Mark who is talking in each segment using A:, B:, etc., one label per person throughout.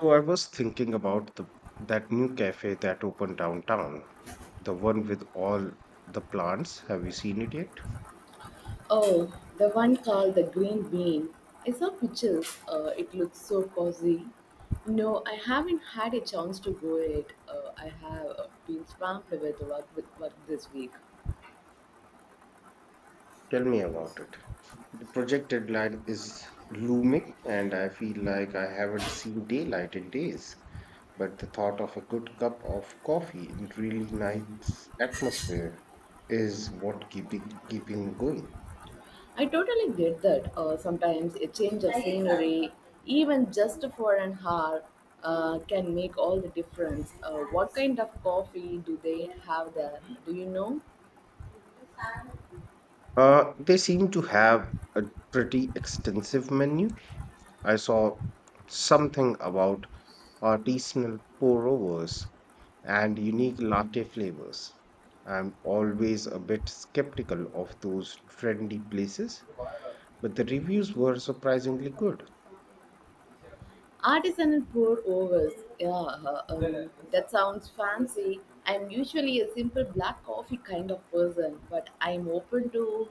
A: So I was thinking about the that new cafe that opened downtown, the one with all the plants. Have you seen it yet?
B: Oh, the one called the Green Bean. I saw pictures. It looks so cozy. No, I haven't had a chance to go it. I have been swamped with work, this week.
A: Tell me about it. The project deadline is looming, and I feel like I haven't seen daylight in days. But the thought of a good cup of coffee in really nice atmosphere is what keeping me going.
B: I totally get that. Sometimes a change of scenery, even just for an hour, can make all the difference. What kind of coffee do they have there? Do you know?
A: They seem to have a pretty extensive menu. I saw something about artisanal pour overs and unique latte flavors. I'm always a bit skeptical of those trendy places, but the reviews were surprisingly good.
B: Artisanal pour overs. Yeah, that sounds fancy. I'm usually a simple black coffee kind of person, but I'm open to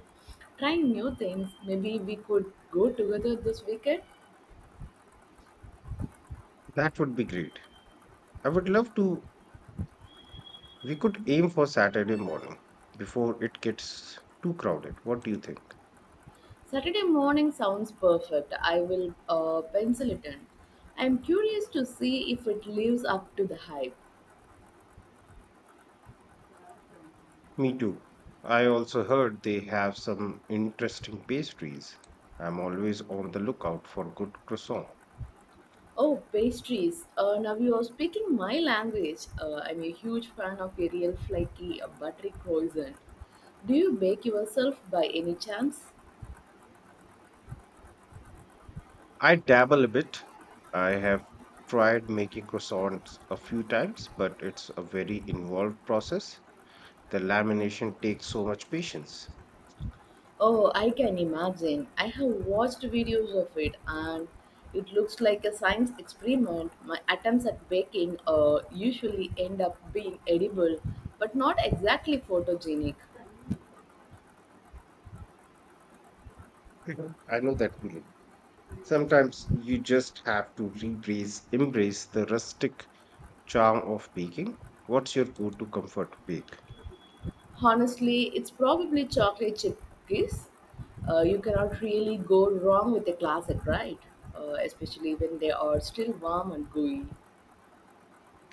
B: trying new things. Maybe we could go together this weekend.
A: That would be great. I would love to. We could aim for Saturday morning before it gets too crowded. What do you think?
B: Saturday morning sounds perfect. I will pencil it in. I'm curious to see if it lives up to the hype.
A: Me too. I also heard they have some interesting pastries. I'm always on the lookout for good croissant.
B: Oh, pastries. Now you are speaking my language. I'm a huge fan of a real flaky, buttery croissant. Do you bake yourself by any chance?
A: I dabble a bit. I have tried making croissants a few times, but it's a very involved process. The lamination takes so much patience.
B: Oh, I can imagine. I have watched videos of it, and it looks like a science experiment. My attempts at baking usually end up being edible, but not exactly photogenic.
A: Mhm. I know that feeling. Sometimes you just have to embrace the rustic charm of baking. What's your go to comfort bake?
B: Honestly, it's probably chocolate chip cookies. You cannot really go wrong with a classic, right? Especially when they are still warm and gooey.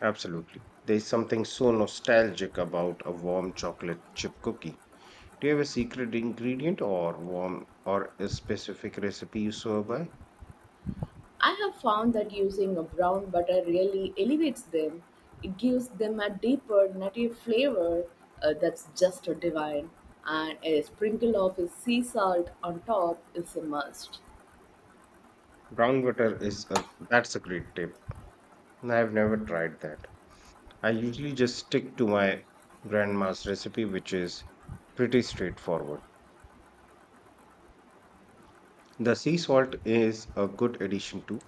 A: Absolutely. There's something so nostalgic about a warm chocolate chip cookie. Do you have a secret ingredient or warm or a specific recipe you swear by?
B: I have found that using a brown butter really elevates them. It gives them a deeper, nutty flavor that's just divine. And a sprinkle of sea salt on top is a must.
A: Brown butter is a that's a great tip. I've never tried that. I usually just stick to my grandma's recipe, which is pretty straightforward. The sea salt is a good addition too.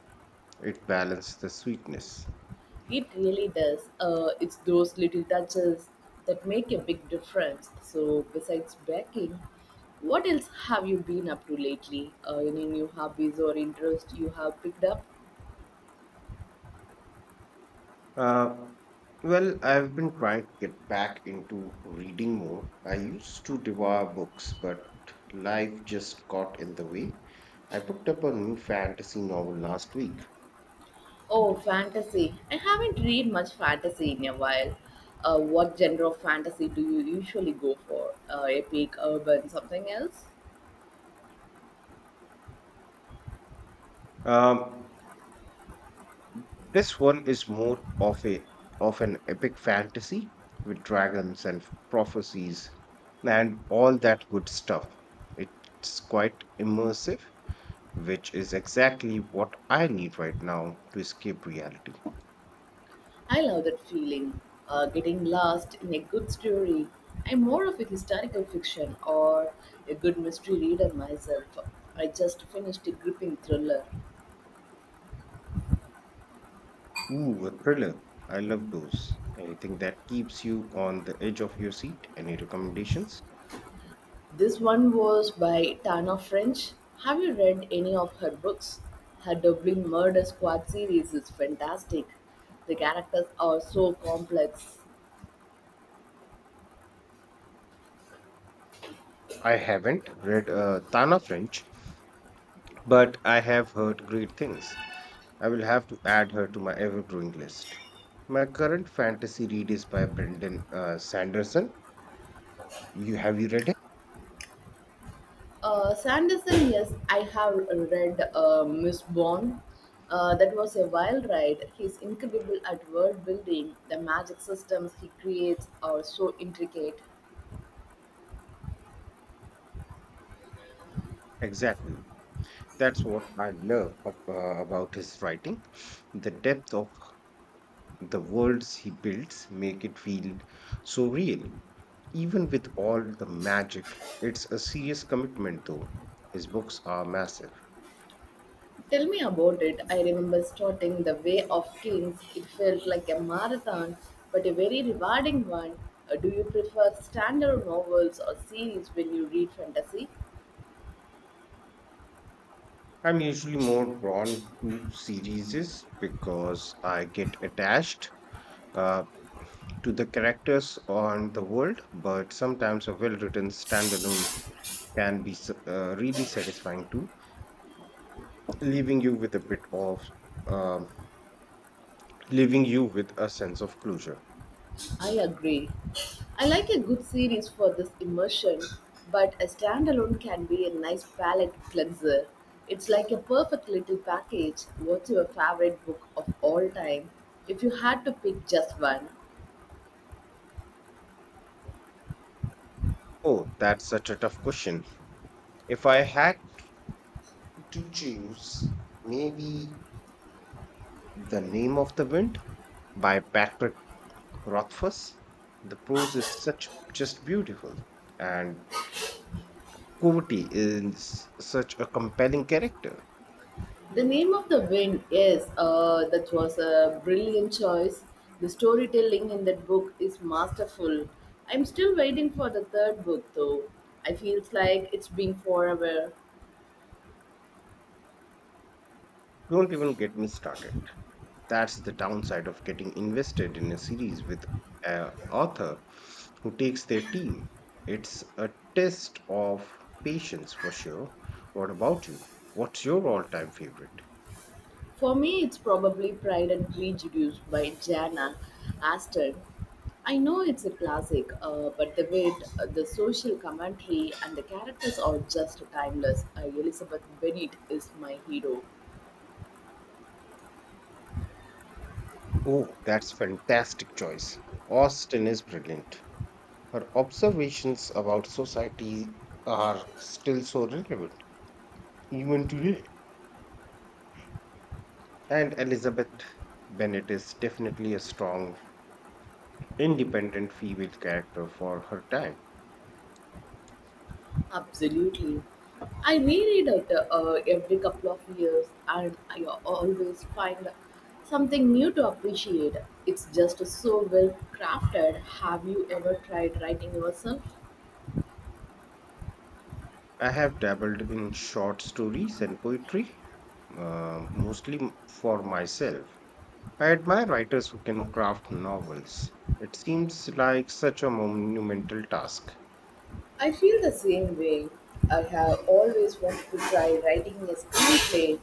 A: It balanced the sweetness.
B: It really does. It's those little touches that make a big difference. So, besides baking, what else have you been up to lately? Any new hobbies or interests you have picked up?
A: Uh, well, I've been trying to get back into reading more. I used to devour books, but life just got in the way. I picked up a new fantasy novel last week.
B: Oh, fantasy. I haven't read much fantasy in a while. What genre of fantasy do you usually go for? Epic, urban, something else?
A: Um, this one is more of a of an epic fantasy with dragons and prophecies and all that good stuff. It's quite immersive, which is exactly what I need right now to escape reality.
B: I love that feeling, getting lost in a good story. I'm more of a historical fiction or a good mystery reader myself. I just finished a gripping thriller.
A: Ooh, a thriller. I love those. Anything that keeps you on the edge of your seat? Any recommendations?
B: This one was by Tana French. Have you read any of her books? Her Dublin Murder Squad series is fantastic. The characters are so complex.
A: I haven't read Tana French, but I have heard great things. I will have to add her to my ever growing list. My current fantasy read is by Brendan Sanderson. You have you read it?
B: Sanderson, yes, I have read Miss Bond. That was a wild ride. He's incredible at world building. The magic systems he creates are so intricate.
A: Exactly. That's what I love about his writing. The depth of the worlds he builds make it feel so real. Even with all the magic, it's a serious commitment though. His books are massive.
B: Tell me about it. I remember starting The Way of Kings. It felt like a marathon, but a very rewarding one. Do you prefer standard novels or series when you read fantasy?
A: I'm usually more drawn to series because I get attached uh, to the characters on the world, but sometimes a well written standalone can be really satisfying too, leaving you with um leaving you with a sense of closure.
B: I agree. I like a good series for this immersion, but a standalone can be a nice palate cleanser. It's like a perfect little package. What's your favorite book of all time, if you had to pick just one?
A: Oh, that's such a tough question. If I had to choose, maybe The Name of the Wind by Patrick Rothfuss. The prose is such just beautiful, and Coverty is such a compelling character.
B: The Name of the Wind, yes, that was a brilliant choice. The storytelling in that book is masterful. I'm still waiting for the third book though. I feel like it's been forever.
A: Don't even get me started. That's the downside of getting invested in a series with an author who takes their team. It's a test of patience for sure. What about you? What's your all time favorite?
B: For me, it's probably Pride and Prejudice by Jana Aston. I know it's a classic, but the wit, the social commentary, and the characters are just timeless. Elizabeth Bennet is my hero.
A: Oh, that's fantastic choice. Austin is brilliant. Her observations about society are still so relevant, even today. And Elizabeth Bennet is definitely a strong, independent female character for her time.
B: Absolutely. I reread it every couple of years, and I always find something new to appreciate. It's just so well crafted. Have you ever tried writing yourself?
A: I have dabbled in short stories and poetry, mostly m- for myself. I admire writers who can craft novels. It seems like such a monumental task.
B: I feel the same way. I have always wanted to try writing a screenplay,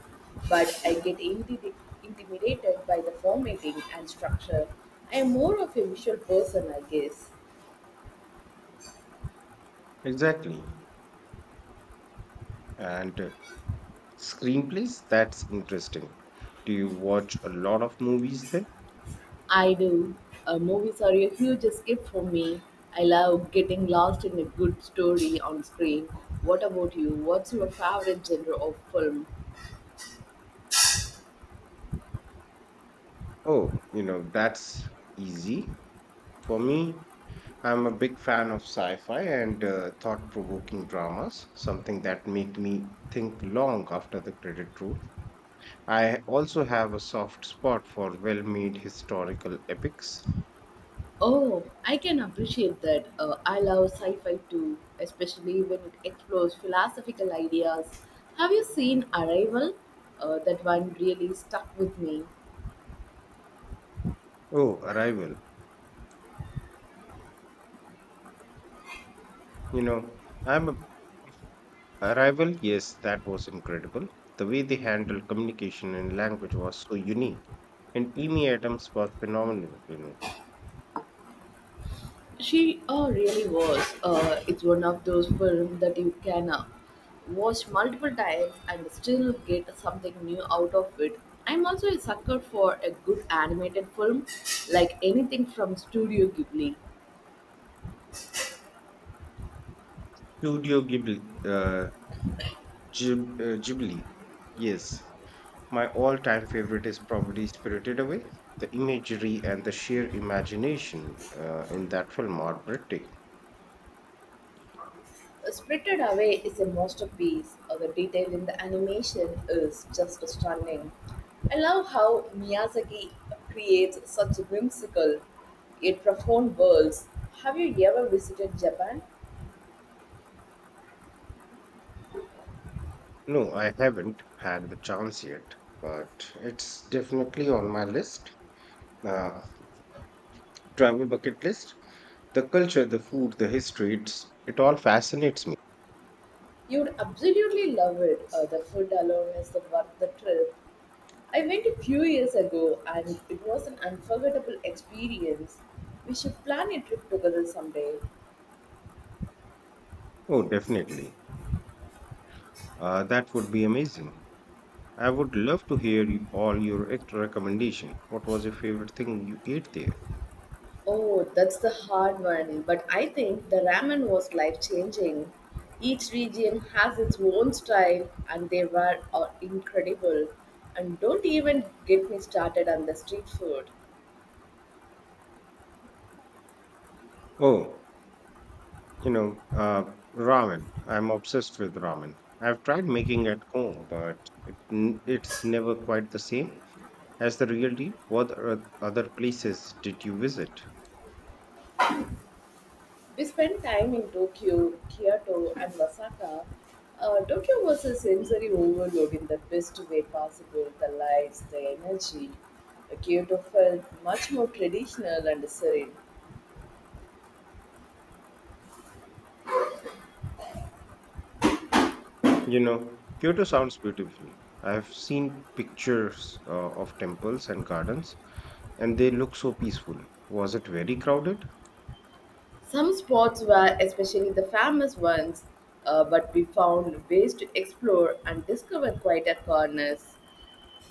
B: but I get intimidated by the formatting and structure. I am more of a visual person, I guess.
A: Exactly. And Screenplays? That's interesting. Do you watch a lot of movies then?
B: I do. Movies are a huge escape for me. I love getting lost in a good story on screen. What about you? What's your favorite genre of film?
A: Oh, you know, that's easy. For me, I'm a big fan of sci fi and thought provoking dramas, something that make me think long after the credit roll. I also have a soft spot for well made historical epics.
B: Oh, I can appreciate that. I love sci fi too, especially when it explores philosophical ideas. Have you seen Arrival? That one really stuck with me.
A: Oh, Arrival. You know, I'm a Arrival, yes, that was incredible. The way they handled communication and language was so unique, and Amy Adams was phenomenal in it.
B: She really was. It's one of those films that you can watch multiple times and still get something new out of it. I'm also a sucker for a good animated film, like anything from Studio Ghibli.
A: Studio Ghibli, uh, Ghibli, yes. My all time favorite is probably Spirited Away. The imagery and the sheer imagination in that film are breathtaking.
B: Spirited Away is a masterpiece. The detail in the animation is just stunning. I love how Miyazaki creates such whimsical yet profound worlds. Have you ever visited Japan?
A: No, I haven't had the chance yet, but it's definitely on my list, uh, travel bucket list. The culture, the food, the history, it all fascinates me.
B: You would absolutely love it. The food alone is the worth the trip. I went a few years ago, and it was an unforgettable experience. We should plan a trip together someday.
A: Oh, definitely. That would be amazing. I would love to hear all your extra recommendation. What was your favorite thing you ate there?
B: Oh, that's the hard one. But I think the ramen was life changing. Each region has its own style, and they were incredible. And don't even get me started on the street food.
A: Oh, you know, uh, Ramen. I'm obsessed with ramen. I've tried making it at home, but it's never quite the same as the real deal. What are other places did you visit?
B: We spent time in Tokyo, Kyoto, and Osaka. Tokyo was a sensory overload in the best way possible, the lights, the energy. Kyoto felt much more traditional and serene.
A: You know, Kyoto sounds beautiful. I've seen pictures of temples and gardens, and they look so peaceful. Was it very crowded?
B: Some spots were, especially the famous ones, but we found ways to explore and discover quieter corners.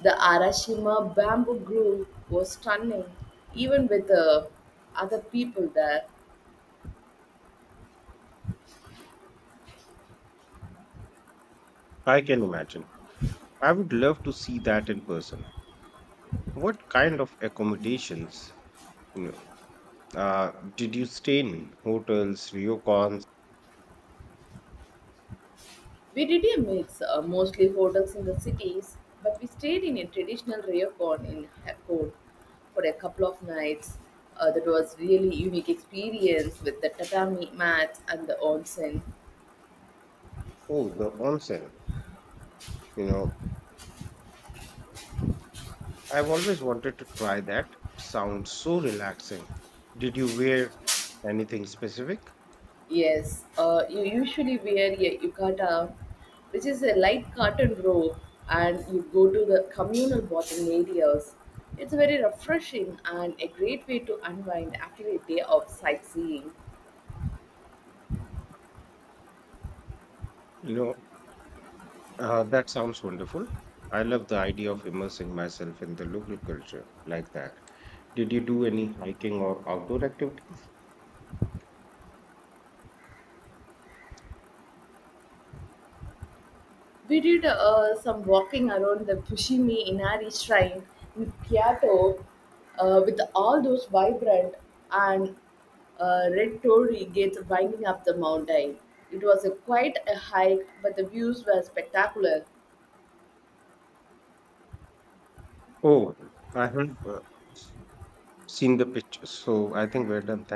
B: The Arashima bamboo grove was stunning, even with other people there.
A: I can imagine. I would love to see that in person. What kind of accommodations, you know, did you stay in? Hotels, ryokans?
B: We did a mix, mostly hotels in the cities, but we stayed in a traditional ryokan in Hakone for a couple of nights. That was really unique experience with the tatami mats and the onsen.
A: Oh, the onsen. You know, I've always wanted to try that. It sounds so relaxing. Did you wear anything specific?
B: Yes, you usually wear a yukata, which is a light cotton robe, and you go to the communal bathing areas. It's very refreshing and a great way to unwind after a day of sightseeing.
A: You know, that sounds wonderful. I love the idea of immersing myself in the local culture like that. Did you do any hiking or outdoor activities?
B: We did some walking around the Fushimi Inari Shrine in Kyoto with all those vibrant and red torii gates winding up the mountain. It was a quite a hike, but the views were spectacular.
A: Oh, I have seen the pictures, so I think we're done. Thank